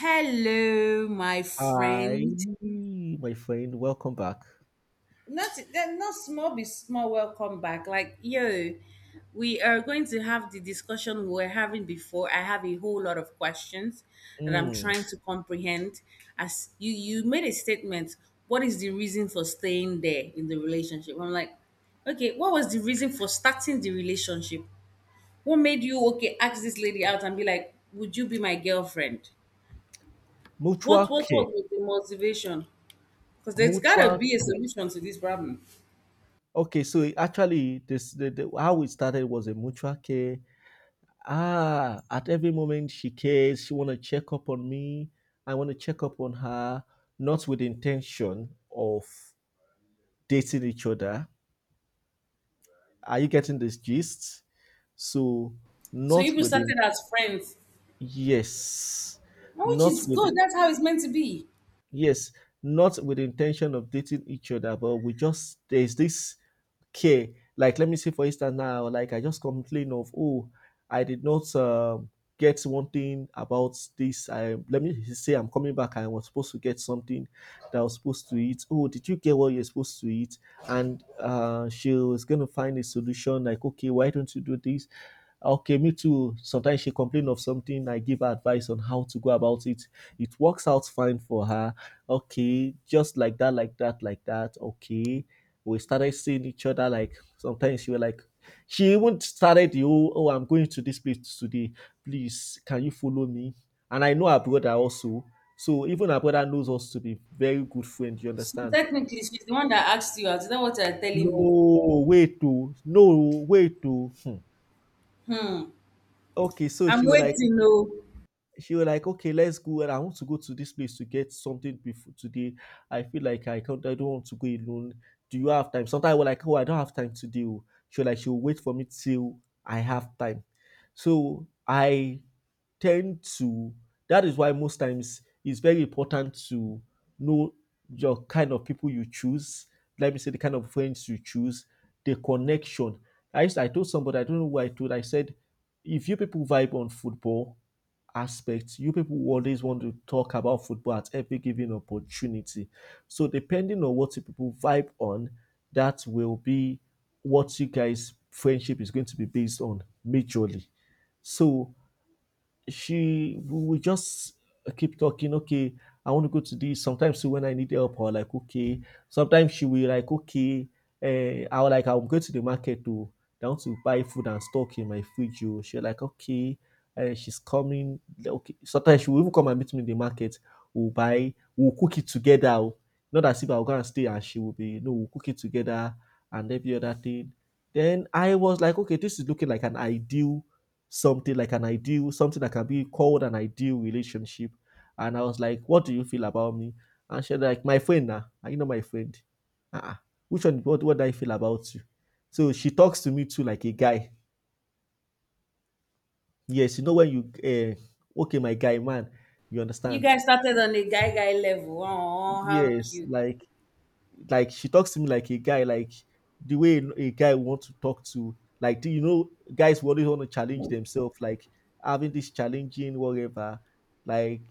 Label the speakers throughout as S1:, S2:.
S1: Hello, my
S2: Hi,
S1: friend.
S2: my friend. Welcome back.
S1: Not then not small be small welcome back. Like yo, we are going to have the discussion we were having before. I have a whole lot of questions that I'm
S2: Mm.
S1: trying to comprehend. As you made a statement, what is the reason for staying there in the relationship? I'm like, okay, what was the reason for starting the relationship? What made you okay ask this lady out and be like, would you be my girlfriend? What
S2: Mutual
S1: what
S2: care.
S1: what was the motivation? Because there's gotta
S2: Mutual.
S1: be a solution to this problem.
S2: Okay, so it actually, how it started was a mutual care. Ah, at every moment she cares. She want to check up on me. I want to check up on her, not with intention of dating each other. Are you getting this gist? So,
S1: So
S2: not
S1: people
S2: with the
S1: started as friends,
S2: yes,
S1: and which
S2: not
S1: is
S2: with
S1: good. That's how it's meant to be.
S2: Yes, not with the intention of dating each other, but we just there's this care. Like let me say for instance now, like I just complain of, oh, I did not get one thing about this. I Let me say I'm coming back. I was supposed to get something that I was supposed to eat. Oh, did you get what you're supposed to eat? And she was gonna find a solution. Like, okay, why don't you do this? Okay, me too. Sometimes she complains of something. I give her advice on how to go about it. It works out fine for her. Okay, just like that, like that, like that. Okay, we started seeing each other. Like sometimes she was like, she even started the whole, oh, I'm going to this place today. Please, can you follow me? And I know her brother also. So even her brother knows us to be very good friends. You
S1: So
S2: understand?
S1: technically, she's the one that asked you out. Is that what you're telling me?
S2: No, wait, to no, wait, to. Hmm. Okay, so
S1: I'm
S2: she was like,
S1: waiting. No,
S2: she was like, okay, let's go. And I want to go to this place to get something before today. I feel like I can't, I don't want to go alone. Do you have time? Sometimes I was like, oh, I don't have time today, oh. She was like, she'll wait for me till I have time. So I tend to, that is why most times it's very important to know your kind of people you choose. Let me say the kind of friends you choose, the connection. I told somebody, I don't know who I told, I said, if you people vibe on football, aspect. You people always want to talk about football at every given opportunity. So depending on what you people vibe on, that will be what you guys' friendship is going to be based on majorly. So she we just keep talking. Okay, I want to go to this sometimes when I need help or like, okay, sometimes she will like, okay, I'll go to the market to down to buy food and stock in my fridge, oh. She like, okay, she's coming. Okay, sometimes she will even come and meet me in the market. We'll cook it together, oh. Not as if I'll go and stay and she will be, no, we'll cook it together and every other thing. Then I was like, okay, this is looking like an ideal, something that can be called an ideal relationship. And I was like, what do you feel about me? And she like, my friend now. Are you not my friend? Uh-uh. Which one, what do I feel about you? So she talks to me too like a guy. Yes, you know when you, okay, my guy, man, you
S1: you
S2: understand?
S1: guys started on a guy guy level. Oh, how
S2: Yes,
S1: cute.
S2: like she talks to me like a guy, like the way a guy want to talk to. Like, do you know, guys will always want to challenge themselves, like having this challenging whatever. Like,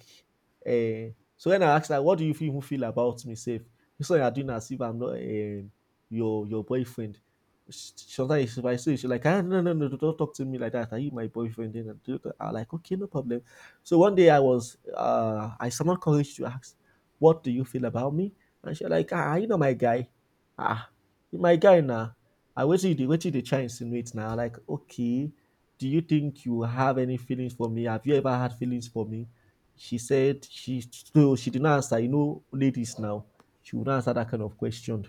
S2: so when I asked her, "What do you even feel about me? Safe, you saw you're doing as if I'm not your your boyfriend." Sometimes if I say she's like, ah, no, no, no, don't talk to me like that. Are you my boyfriend? Then I'm like, okay, no problem. So one day I was, I summoned courage to ask, what do you feel about me? And she like, ah, you know my guy. Ah, you my guy now. I waited, you wait waited you dey try insinuate now. Like, okay, do you think you have any feelings for me? Have you ever had feelings for me? She said she so She did not answer. You know, ladies now, she would not answer that kind of question.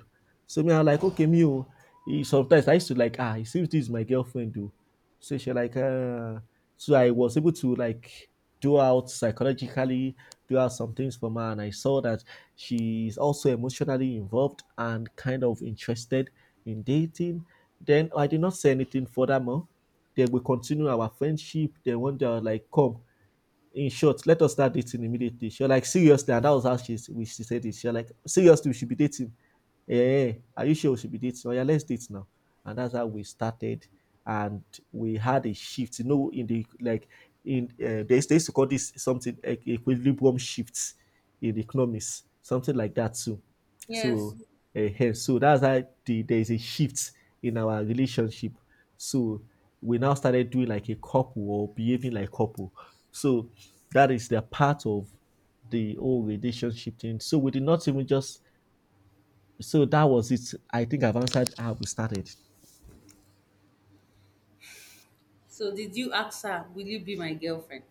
S2: So me, I'm like, okay, me, oh, eh, sometimes I used to like, ah, it seems this is my girlfriend, though. So she like, ah, so I was able to like do out psychologically, do out some things for her. And I saw that she's also emotionally involved and kind of interested in dating. Then I did not say anything furthermore. Then we continue our friendship. Then one day I was like, come, in short, let us start dating immediately. She was like, seriously, and that was how she said it. She was like, seriously, we should be dating. Yeah, are you sure we should be dating? Oh yeah, let's date now. And that's how we started, and we had a shift. You know, in the like in they used to call this something like equilibrium shifts in economics, something like that too.
S1: Yes.
S2: So, so that's how the, there's a shift in our relationship. So we now started doing like a couple or behaving like couple. So that is the part of the whole relationship thing. So we did not even just. So that was it. I think I've answered how we started.
S1: So did you ask her? Will you be my girlfriend?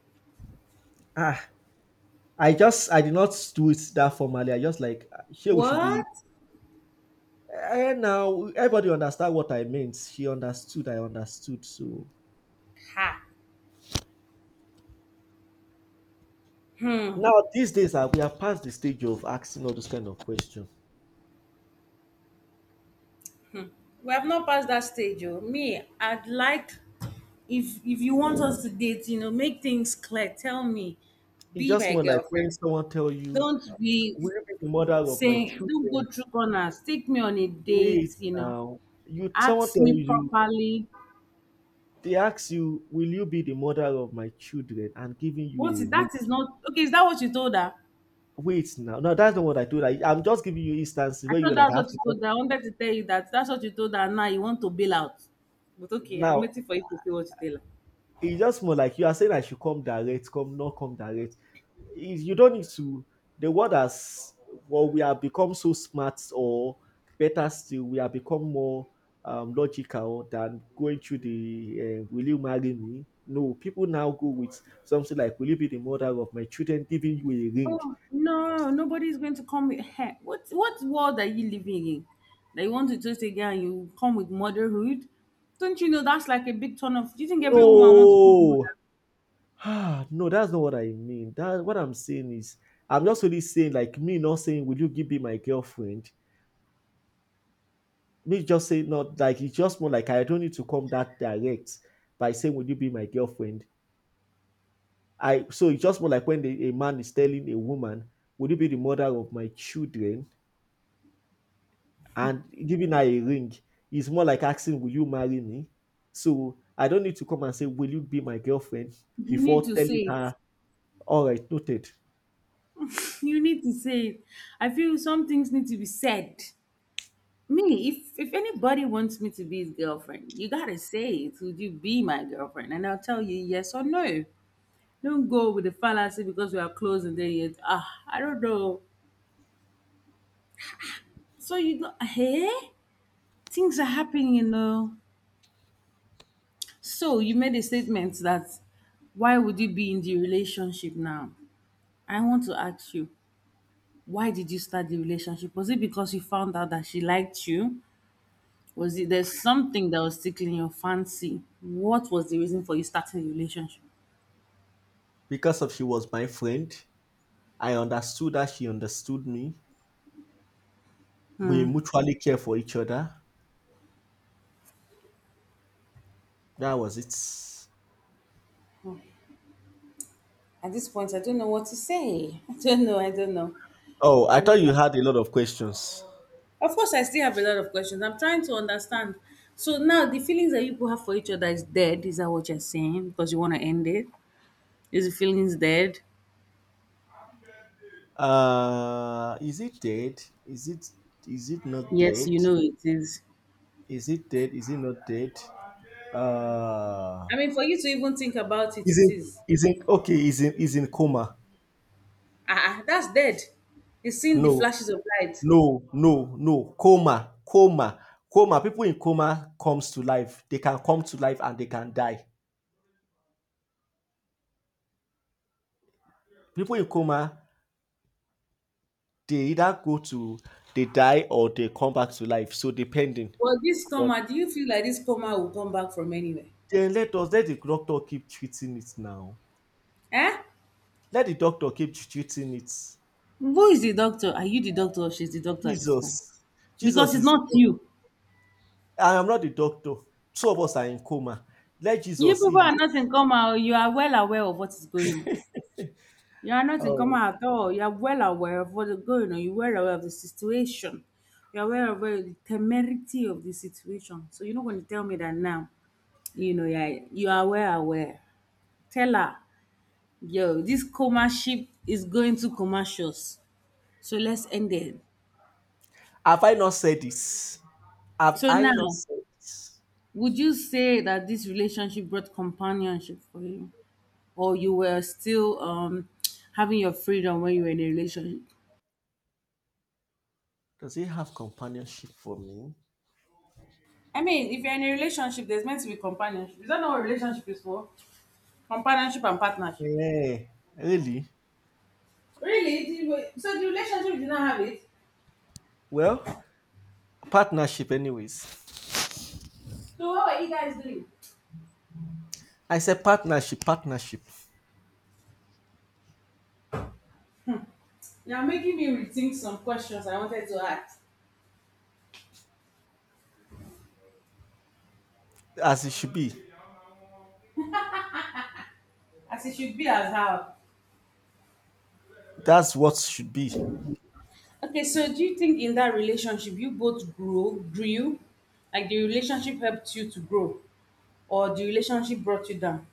S2: Ah, I just I did not do it that formally. I just like, ah, here we should be.
S1: What?
S2: And now everybody understand what I meant. She understood. I understood. So
S1: Ha. Hmm.
S2: now these days we are past the stage of asking all those kind of questions.
S1: We have not passed that stage, oh. Me, I'd like if you want us to date, you know, make things clear. Tell me,
S2: It's
S1: be
S2: just
S1: my
S2: more like
S1: girlfriend.
S2: when someone tell you,
S1: Don't be
S2: "Will you be the mother of my
S1: saying, don't go
S2: children?"
S1: through corners. Take me on a
S2: Wait
S1: date, you know.
S2: now, you someone
S1: Ask
S2: tell
S1: me
S2: you,
S1: properly.
S2: they ask you, "Will you be the mother of my children?" and giving you
S1: What is
S2: a ring.
S1: that? Is not okay. Is that what you told her?
S2: Wait now, no, that's not what I told. I'm just giving you instances
S1: I
S2: where
S1: thought
S2: you're like,
S1: that's
S2: "I have
S1: what you
S2: to
S1: told
S2: come."
S1: her. I wanted to tell you that that's what you told her. And now you want to bail out. But okay, I'm
S2: Now
S1: waiting for you to say what you tell her.
S2: it's just more like you are saying I should come direct, come not come direct. If you don't need to, the world has, well, we have become so smart, or better still, we have become more logical than going through the "Will you marry me?" No, people now go with something like, "Will you be the mother of my children?" giving you a ring.
S1: Oh no, nobody's going to come with her. What world are you living in? That you want to just again you come with motherhood? Don't you know that's like a big turn off? Do you think every woman wants to be mother?
S2: No, ah, no, that's not what I mean. That what I'm saying is, I'm just really saying like me not saying, "Will you give me my girlfriend?" me just say not like It's just more like I don't need to come that direct by saying, "Would you be my girlfriend?" I So it's just more like when a man is telling a woman, "Would you be the mother of my children?" and giving her a ring. It's more like asking, "Will you marry me?" So I don't need to come and say, "Will you be my girlfriend?"
S1: You need
S2: before
S1: to
S2: telling
S1: say it.
S2: her, "All right, noted."
S1: You need to say it. I feel some things need to be said. Me, if anybody wants me to be his girlfriend, you gotta say it. Would you be my girlfriend? And I'll tell you yes or no. Don't go with the fallacy because we are close and then you I don't know. So you go, hey, things are happening, you know. So you made a statement that why would you be in the relationship now? I want to ask you, why did you start the relationship? Was it because you found out that she liked you? Was it there's something that was tickling your fancy? What was the reason for you starting a relationship?
S2: Because of she was my friend, I understood that she understood me. We mutually care for each other. That was it.
S1: At this point, I don't know what to say. I don't know. I don't know.
S2: Oh,
S1: I
S2: I thought
S1: mean,
S2: you had a lot of questions.
S1: of course, I still have a lot of questions. I'm trying to understand. So now the feelings that you people have for each other is dead. Is that what you're saying? Because you want to end it? Is the feelings dead?
S2: Is it dead? Is it not
S1: Yes,
S2: dead?
S1: you know it is.
S2: Is it dead? Is it not dead? Uh,
S1: I mean, for you to even think about it,
S2: is
S1: it
S2: it
S1: is.
S2: is it okay? Is it is in coma?
S1: Ah, ah, that's dead. You've seen the
S2: No,
S1: flashes of light.
S2: no, no, no. Coma, coma, coma. People in coma comes to life. They can come to life and they can die. People in coma, they either go to they die or they come back to life. So depending
S1: Well, this
S2: on,
S1: coma, do you feel like this coma will come back from anywhere?
S2: then let us let the doctor keep treating it now.
S1: Eh?
S2: Let the doctor keep treating it.
S1: Who is the doctor? Are you the doctor or she's the doctor at this point?
S2: Jesus,
S1: Because
S2: Jesus
S1: it's
S2: is the
S1: not
S2: doctor.
S1: you.
S2: I am not the doctor. Two of us are in coma. Let
S1: You
S2: Jesus
S1: people
S2: heal it.
S1: are not in coma, oh. You are well aware of what is going on. You are not in coma
S2: Oh,
S1: at all. You are well aware of what is going on. You are well aware of the situation. You are well aware of the temerity of the situation. So you're not going to tell me that now. You know, yeah, you are well aware. Tell her, yo, this coma ship is going to commercials. So let's end it.
S2: have I not said this? Have
S1: So
S2: I not
S1: now
S2: said this?
S1: would you say that this relationship brought companionship for you, or you were still having your freedom when you were in a relationship?
S2: Does he have companionship for me?
S1: I mean, if you're in a relationship, there's meant to be companionship. Is that not what relationship is for? Companionship and partnership.
S2: Yeah, really?
S1: Really? Did you- So the relationship did not have it?
S2: Well, partnership, anyways.
S1: So what were you guys doing?
S2: I said partnership, partnership,
S1: You're making me rethink some questions I wanted to ask.
S2: as it should be.
S1: As it should be as how.
S2: That's what should be.
S1: Okay, so do you think in that relationship you both grow, grew? Like the relationship helped you to grow, or the relationship brought you down?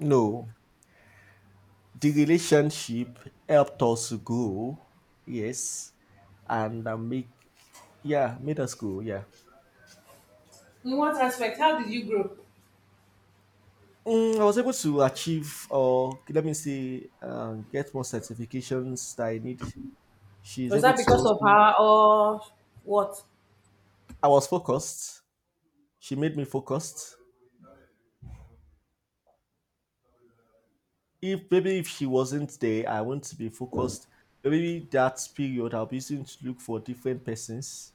S2: No, the relationship helped us grow, yes, and make. Yeah, middle school. Yeah,
S1: In what aspect? How did you grow?
S2: mm, I was able to achieve, or let me say, get more certifications that I need. She's
S1: Was
S2: able
S1: that
S2: to
S1: because
S2: also.
S1: of her or what?
S2: I was focused. She made me focused. If maybe if she wasn't there, I want to be focused. Maybe that period I'll be using to look for different persons.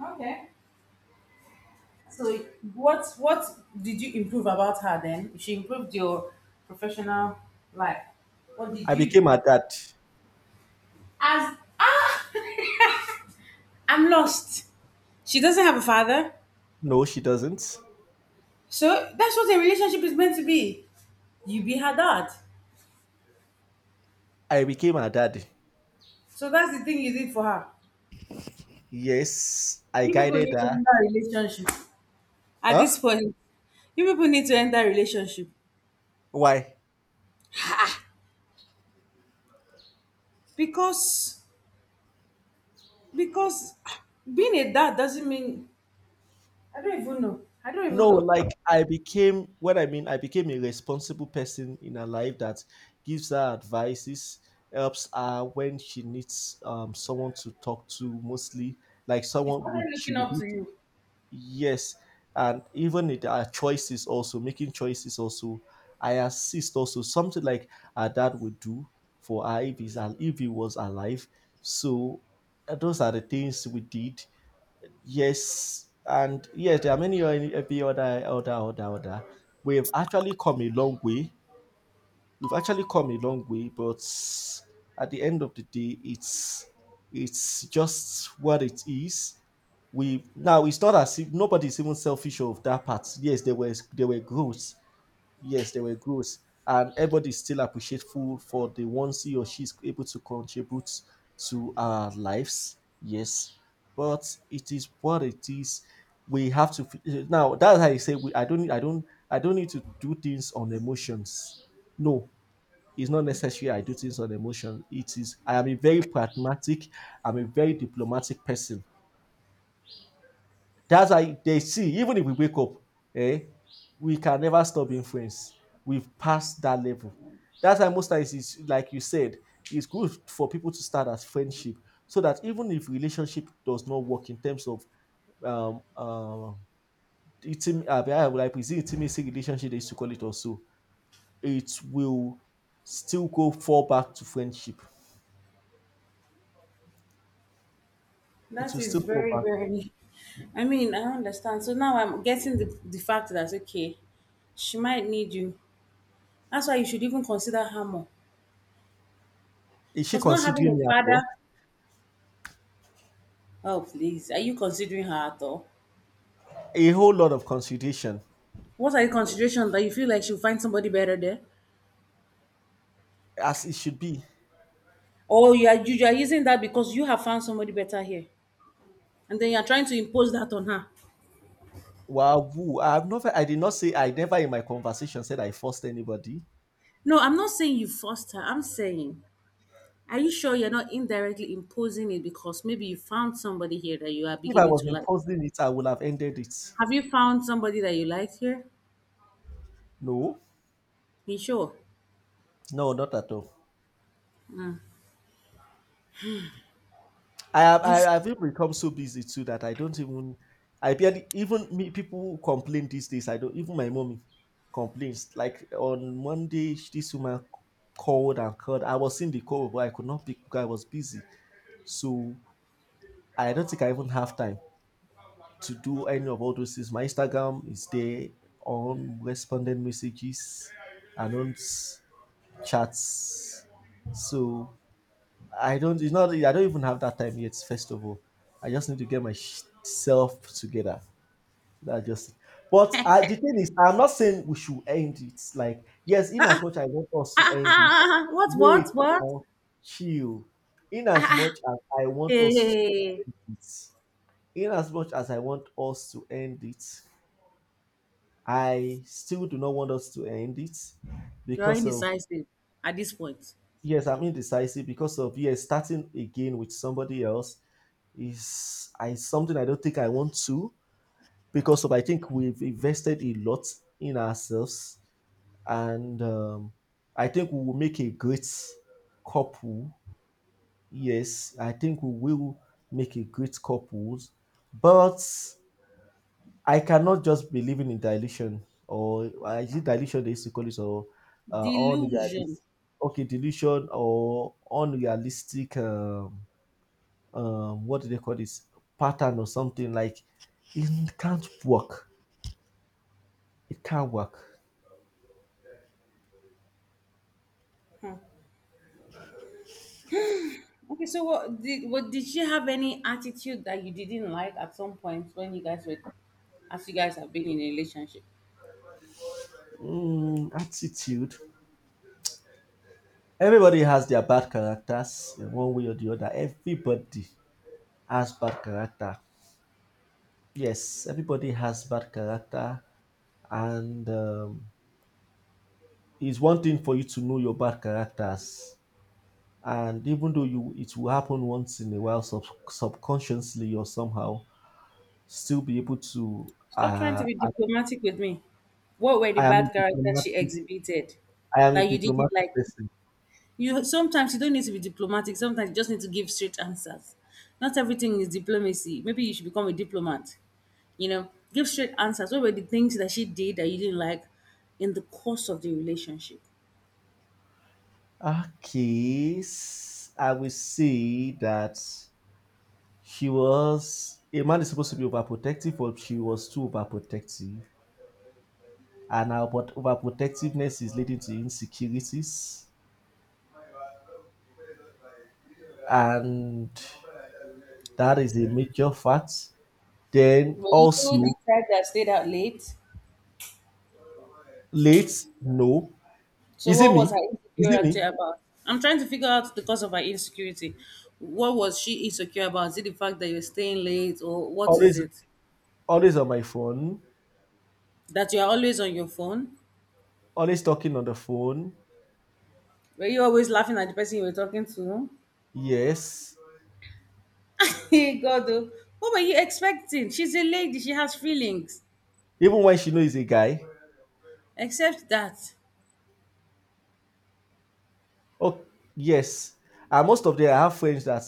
S1: Okay. So what did you improve about her then? She improved your professional life. What did
S2: I
S1: you
S2: became
S1: improve?
S2: her dad.
S1: As ah, I'm lost. She doesn't have a father,
S2: No, she doesn't.
S1: so that's what a relationship is meant to be. You be her dad.
S2: I became her dad.
S1: So that's the thing you did for her.
S2: Yes, I
S1: You people
S2: guided
S1: need to
S2: her.
S1: enter a relationship. At this
S2: Huh?
S1: point, you people need to enter a relationship
S2: Why?
S1: because ah, being a dad doesn't mean I don't even know. I don't even
S2: No,
S1: know.
S2: like I became, what I mean, I became a responsible person in her life that gives her advices, helps her when she needs someone to talk to mostly, like
S1: She
S2: someone
S1: started
S2: would she
S1: looking
S2: would
S1: up
S2: do,
S1: to you.
S2: yes. And even in our choices also, making choices also, I assist also something like her dad would do for her if if he was alive. So those are the things we did. Yes, and yes, there are many every other. We've actually come a long way. We've actually come a long way, but at the end of the day, it's just what it is. We now, it's not as if nobody's even selfish of that part. Yes, there were growth. Yes, they were gross, and everybody still food for the ones he or she is able to contribute to our lives. Yes, but it is what it is. We have to now. That's how I say we. I don't need to do things on emotions. No, it's not necessary. I do things on emotion. It is. I am a very pragmatic. I'm a very diplomatic person. That's why they see, even if we wake up, eh, we can never stop influence. We've passed that level. That's why most times it's like you said, it's good for people to start as friendship so that even if relationship does not work in terms of um uh like, is it intimacy relationship they used to call it also, it will still go fall back to friendship. It
S1: That
S2: will still
S1: is
S2: fall
S1: very
S2: back.
S1: very. I mean, I understand. So now I'm getting the fact that okay, she might need you. That's why you should even consider her more.
S2: Is she
S1: Because not having
S2: considering
S1: a
S2: me at
S1: father,
S2: all?
S1: oh please, are you considering her at all?
S2: A whole lot of consideration,
S1: What are the considerations that you feel like she'll find somebody better there?
S2: as it should be.
S1: Or you are using that because you have found somebody better here. And then you're trying to impose that on her.
S2: Wahoo! I have never I did not say I never in my conversation said I forced anybody.
S1: No, I'm not saying you forced her. I'm saying, are you sure you're not indirectly imposing it because maybe you found somebody here that you are
S2: If I
S1: beginning
S2: was
S1: to like?
S2: imposing it, I would have ended it.
S1: Have you found somebody that you like here?
S2: No,
S1: Be sure.
S2: no, not at all.
S1: This
S2: I have even become so busy too that I don't even, I barely even me people who complain these days. I don't even, my mommy complains. Like on Monday, this woman called and called. I was in the call, but I could not pick because I was busy. So I don't think I even have time to do any of all those things. My Instagram is there on responded messages and on chats. So I don't. It's not. I don't even have that time yet. First of all, I just need to get myself together. That's just it. But the thing is, I'm not saying we should end it. Like yes, in as much I want us to
S1: ah, ah,
S2: end it,
S1: ah, ah, what
S2: wait
S1: what?
S2: now, chill. In
S1: Ah,
S2: as
S1: ah,
S2: much as I want
S1: hey,
S2: us
S1: hey,
S2: to
S1: hey.
S2: do it, in as much as I want us to end it, I still do not want us to end it
S1: You're
S2: because of,
S1: indecisive at this point.
S2: yes, I'm indecisive because of, yes, starting again with somebody else is, I something I don't think I want to because of I think we've invested a lot in ourselves, and I think we will make a great couple. Yes, I think we will make a great couple, but I cannot just be living in dilution or is it dilution they used to call it, or unrealistic.
S1: Delusion.
S2: Okay, delusion or unrealistic, what do they call this, pattern or something. Like it can't work, it can't work.
S1: Okay, so what did she have any attitude that you didn't like at some point when you guys were as you guys have been in a relationship?
S2: Mm, attitude, everybody has their bad characters in one way or the other. Everybody has bad character. Yes, everybody has bad character, and it's one thing for you to know your bad characters, and even though you, it will happen once in a while subconsciously or somehow still be able to
S1: Stop trying to be diplomatic with me. What were the
S2: I am a
S1: bad characters she
S2: diplomatic
S1: exhibited
S2: I am
S1: that
S2: a
S1: you didn't
S2: diplomatic
S1: like?
S2: person.
S1: You sometimes you don't need to be diplomatic, sometimes you just need to give straight answers. Not everything is diplomacy. Maybe you should become a diplomat. You know, give straight answers. What were the things that she did that you didn't like in the course of the relationship?
S2: Okay, I will say that she was, a man is supposed to be overprotective, but she was too overprotective, and now, but overprotectiveness is leading to insecurities, and that is a major fact. Then
S1: Were you the
S2: also,
S1: type that stayed out late?
S2: late, no.
S1: So
S2: Is it
S1: what was
S2: me?
S1: her
S2: Is it
S1: insecurity
S2: me?
S1: about? I'm trying to figure out the cause of her insecurity. What was she insecure about? Is it the fact that you're staying late or what is
S2: Always,
S1: it?
S2: always on my phone.
S1: That you're always on your phone?
S2: Always talking on the phone.
S1: Were you always laughing at the person you were talking to?
S2: Yes.
S1: Hey, God, oh, what were you expecting? She's a lady, she has feelings.
S2: Even when she knows he's a guy.
S1: Except that.
S2: Oh yes. And most of them, I have friends that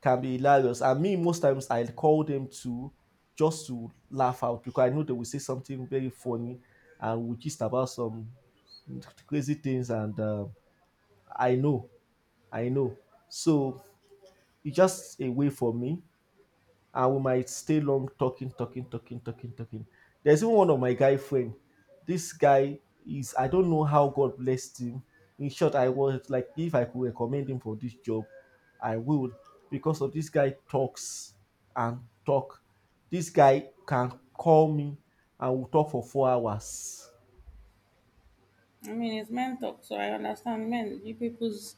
S2: can be hilarious. And me, most times I call them to just to laugh out because I know they will say something very funny, and we gist about some crazy things, and I know, I know. So it's just a way for me, and we might stay long talking. There's even one of my guy friend. This guy is, I don't know how God blessed him. In short, I was like, if I could recommend him for this job, I would, because of this guy talks and talk. This guy can call me and we'll talk for 4 hours.
S1: I mean, it's men talk, so I understand men. You people's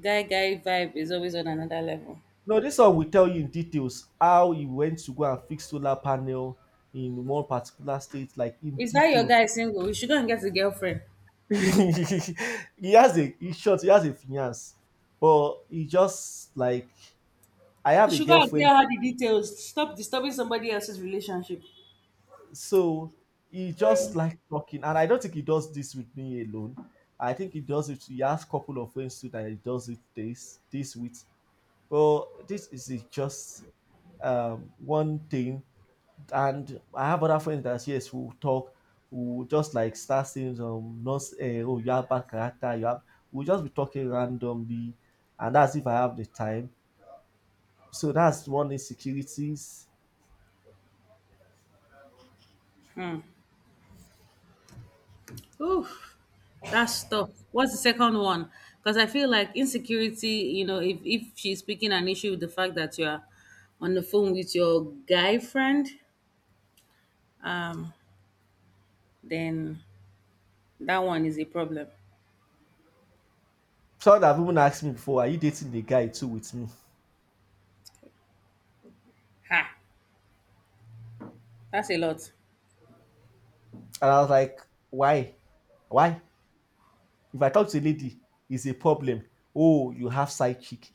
S1: guy guy vibe is always on another level.
S2: No, this one will tell you in details how he went to go and fix solar panel in one particular state, like in
S1: Is that your
S2: detail.
S1: guy single? You should go and get a girlfriend.
S2: He has a, he's short, he has a finance, but he just like, I have
S1: You
S2: a
S1: should go and
S2: girlfriend,
S1: tell her the details. Stop disturbing somebody else's relationship.
S2: so he just like talking, and I don't think he does this with me alone. I think he does it. He has couple of friends too that he does it this with. But this is a just one thing, and I have other friends that, yes, we'll talk, we'll just like start saying some, not oh you have bad character, you have, we'll just be talking randomly, and that's if I have the time. So that's one insecurities.
S1: Oof, that's tough. What's the second one? Because I feel like insecurity, you know, if she's picking an issue with the fact that you're on the phone with your guy friend, um, then that one is a problem.
S2: Someone have even asked me before, are you dating the guy too with me?
S1: Ha, that's a lot.
S2: And I was like, why, why? If I talk to a lady, it's a problem. Oh, you have side chick.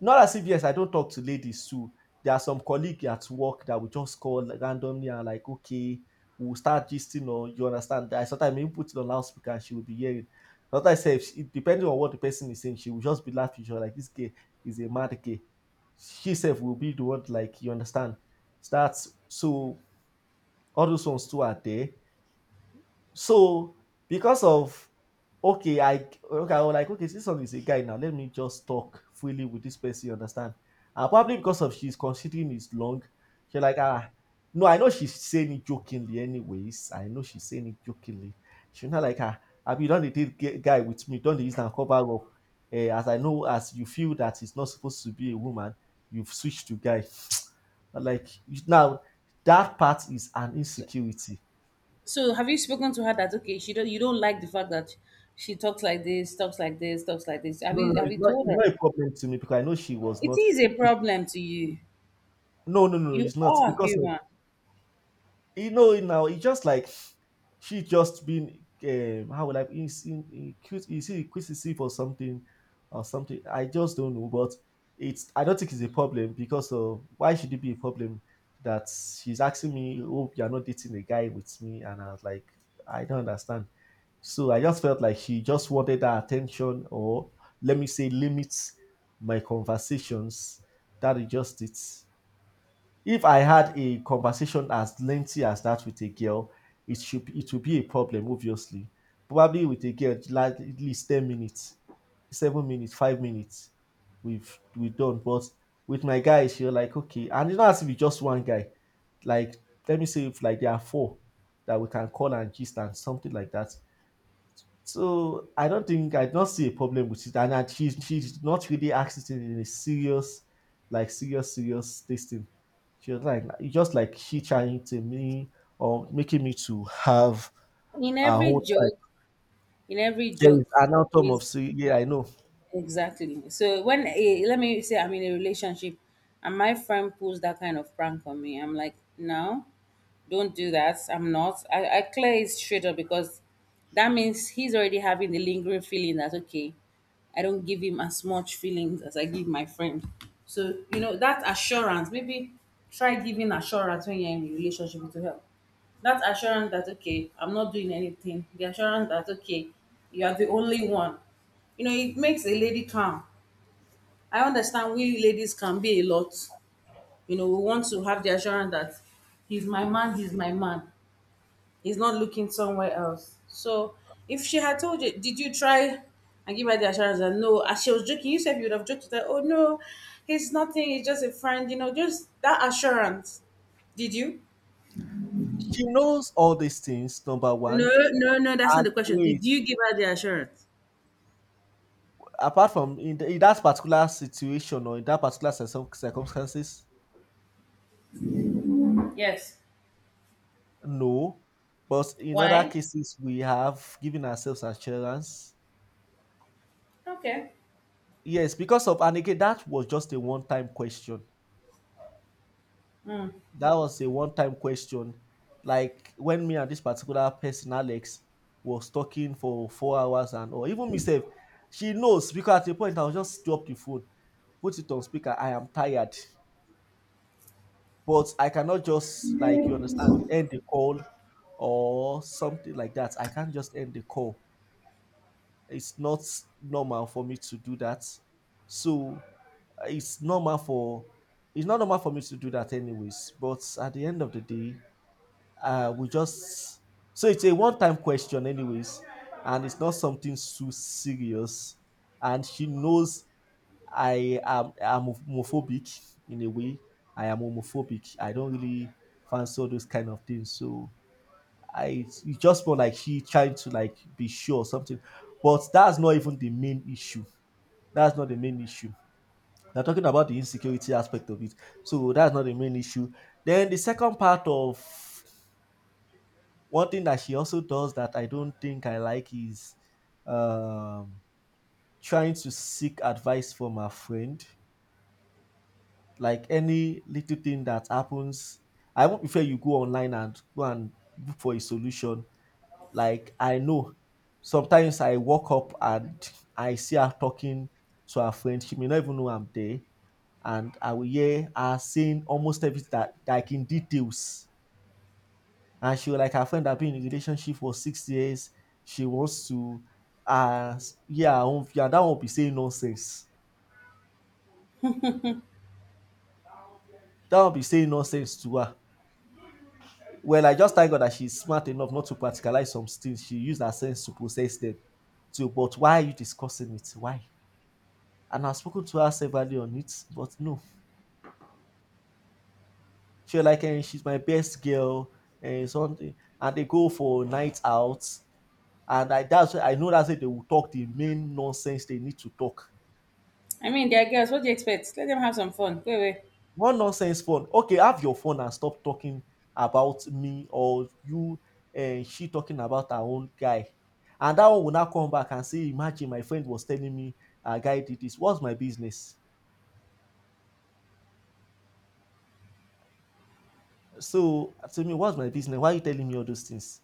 S2: Not as if, yes, I don't talk to ladies too. There are some colleagues at work that we just call randomly, and like, okay, we'll start gisting, or you understand. I sometimes even put it on loudspeaker and she will be hearing. Sometimes sef, depending on what the person is saying, she will just be laughing. She'll like, this gay is a mad gay. She herself will be the one, like, you understand. That's so all those ones too are there. So because of, okay, I, okay, I was like, okay, this one is a guy now. Let me just talk freely with this person, you understand? And probably because of she's considering it's long, she like, ah, no, I know she's saying it jokingly, anyways. I know she's saying it jokingly. She's not like, ah, I be done the date guy with me, done the use and cover up. Eh, as I know, as you feel that it's not supposed to be a woman, you've switched to guy. Like now, that part is an insecurity.
S1: So have you spoken to her that okay, she don't you don't like the fact that she talks like this, talks like this, talks like this. Have
S2: No, no, no,
S1: you told
S2: it's
S1: her?
S2: not a problem to me because I know she was
S1: It
S2: not.
S1: is a
S2: It's,
S1: problem to you.
S2: no, no, no, no,
S1: You
S2: it's not
S1: are
S2: because of,
S1: human.
S2: you know it now. It's just like she just been how would I, is in, is inquisitive or something or something. I just don't know, but it's, I don't think it's a problem because of why should it be a problem that she's asking me, "Oh, you're not dating a guy with me," and I was like, I don't understand. So I just felt like she just wanted that attention, or let me say, limits my conversations. That is just it. If I had a conversation as lengthy as that with a girl, it would be a problem, obviously. Probably with a girl, like at least 10 minutes, 7 minutes, 5 minutes, we done. But with my guys, you're like okay, and it's not as if it's just one guy. Like, let me say, if like there are four that we can call and gist and something like that, so I don't think, I don't see a problem with it, and that she not really acting in a serious, like serious serious this thing. She was like, just like she trying to me or making me to have
S1: In
S2: her
S1: every
S2: own time.
S1: joke in every
S2: There is
S1: joke
S2: an outcome
S1: is
S2: of yeah, I know,
S1: exactly. So when eh, let me say I'm in a relationship and my friend pulls that kind of prank on me, I'm like, no, don't do that. I'm not I clear it straight up because that means he's already having the lingering feeling that okay, I don't give him as much feelings as I give my friend. So you know that assurance, maybe try giving assurance when you're in a relationship to help that assurance that okay, I'm not doing anything. The assurance that okay, you are the only one. You know it makes a lady calm. I understand we ladies can be a lot. You know we want to have the assurance that he's my man, he's not looking somewhere else. So if she had told you, did you try and give her the assurance that no, as she was joking, you said you would have joked that, oh no, he's nothing. He's just a friend, you know, just that assurance. Did you-
S2: she knows all these things, number
S1: No,
S2: one.
S1: no, no, that's not
S2: And
S1: the question.
S2: wait,
S1: Did you give her the assurance?
S2: apart from in that particular situation or in that particular circumstances,
S1: Yes.
S2: no, but in other
S1: Why?
S2: cases we have given ourselves assurance.
S1: Okay.
S2: Yes, because of, and again, that was just a one-time question.
S1: Mm.
S2: That was a one-time question. Like when me and this particular person, Alex, was talking for 4 hours, and or even myself, she knows because at the point I will just drop the phone, put it on speaker. I am tired, but I cannot just, like, you understand, end the call or something like that. I can't just end the call. It's not normal for me to do that. So it's normal for it's not normal for me to do that anyways. But at the end of the day, we just, so it's a one-time question anyways, and it's not something too serious. And she knows I'm homophobic in a way. I am homophobic. I don't really fancy all those kind of things. So I, it's just more like she trying to like be sure or something. But that's not even the main issue. That's not the main issue. They're talking about the insecurity aspect of it. So that's not the main issue. Then the second part of, one thing that she also does that I don't think I like is um trying to seek advice from her friend. Like any little thing that happens, I won't prefer you go online and go and look for a solution. Like I know, sometimes I walk up and I see her talking to her friend. She may not even know I'm there. And I will hear her saying almost everything, that like, in details. And she will like her friend that been in a relationship for 6 years. She wants to uh yeah, yeah, that won't be saying nonsense. That won't be saying nonsense to her. Well, I just thank God that she's smart enough not to practicalize some things. She used her sense to process them. So, but why are you discussing it? Why? And I've spoken to her severally on it, but no. She was like, eh, she's my best girl, and something. And they go for night out, and I, that's why I know, that's why they will talk the main nonsense they need to talk.
S1: I mean, they're girls. What do you expect? Let them have some fun. Wait, wait.
S2: One nonsense phone. Okay, have your phone and stop talking about me or you and she talking about her own guy. And that one will now come back and say, imagine, my friend was telling me a guy did this. What's my business? So to me, what's my business? Why are you telling me all those things?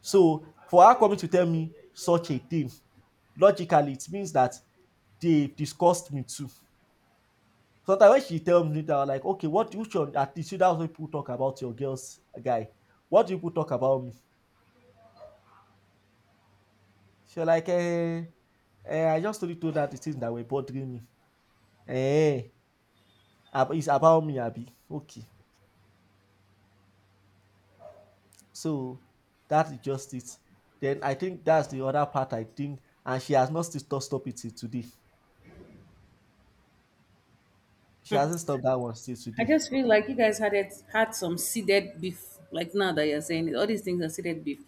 S2: So for her coming to tell me such a thing, logically it means that they discussed me too. Sometimes when she tells me that, I'm like, okay, what, you should at least, that's what people talk about your girls guy. What do people talk about me? She like, eh, eh, I just only told you that the things that were bothering me. Eh, it's about me, Abby. Okay. So that is just it. Then I think that's the other part I think, and she has not still stopped it till today. She hasn't stopped that one still
S1: I
S2: today.
S1: just feel like you guys had some seeded beef. Like now that you're saying it, all these things are seeded beef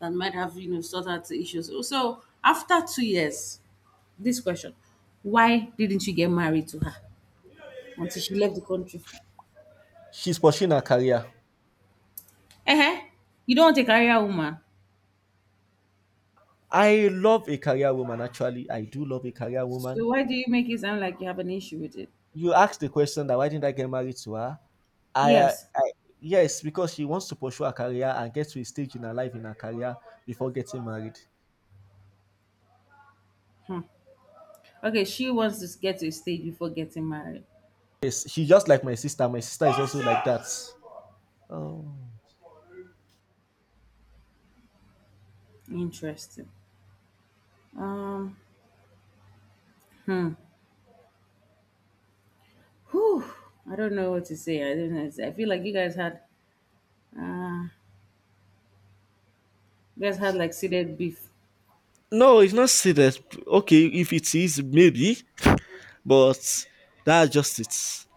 S1: that might have, you know, sorted the issues. So after 2 years, this question: Why didn't you get married to her until she left the country?
S2: She's pursuing her career.
S1: Eh? You don't want a career woman,
S2: I love a career woman, actually. I do love a career
S1: so
S2: woman.
S1: why do you make it sound like you have an issue with it?
S2: You asked the question that why didn't I get married to her?
S1: Yes.
S2: I yes, because she wants to pursue her career and get to a stage in her life, in her career, before getting married.
S1: Hmm. Okay, she wants to get to a stage before getting married.
S2: Yes, she just like my sister. My sister is also like that. Oh.
S1: Interesting. Um, Hmm. Whew, I don't know what to say. I don't know what to say. I feel like uh, you guys had like seeded beef.
S2: No, it's not serious. Okay, if it is, maybe, but that's just it.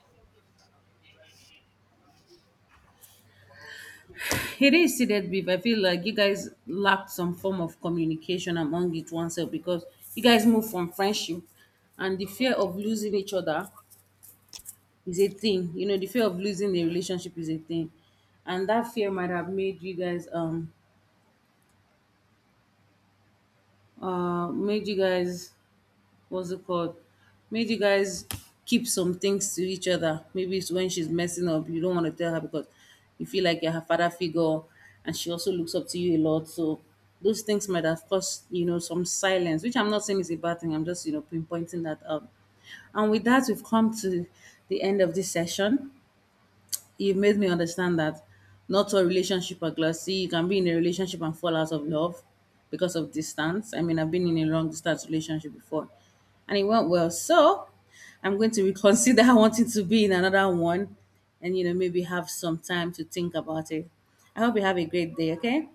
S1: It is seeded beef. I feel like you guys lacked some form of communication among it oneself, because you guys move from friendship and the fear of losing each other is a thing. You know, the fear of losing the relationship is a thing, and that fear might have made you guys what's it called? Made you guys keep some things to each other. Maybe it's when she's messing up, you don't want to tell her because you feel like you're her father figure and she also looks up to you a lot. So those things might have caused, you know, some silence, which I'm not saying is a bad thing. I'm just, you know, pinpointing that out. And with that, we've come to the end of this session. It made me understand that not all relationships are glassy. You can be in a relationship and fall out of love because of distance. I mean, I've been in a long distance relationship before, and it went well. So I'm going to reconsider wanting to be in another one, and you know maybe have some time to think about it. I hope you have a great day. Okay.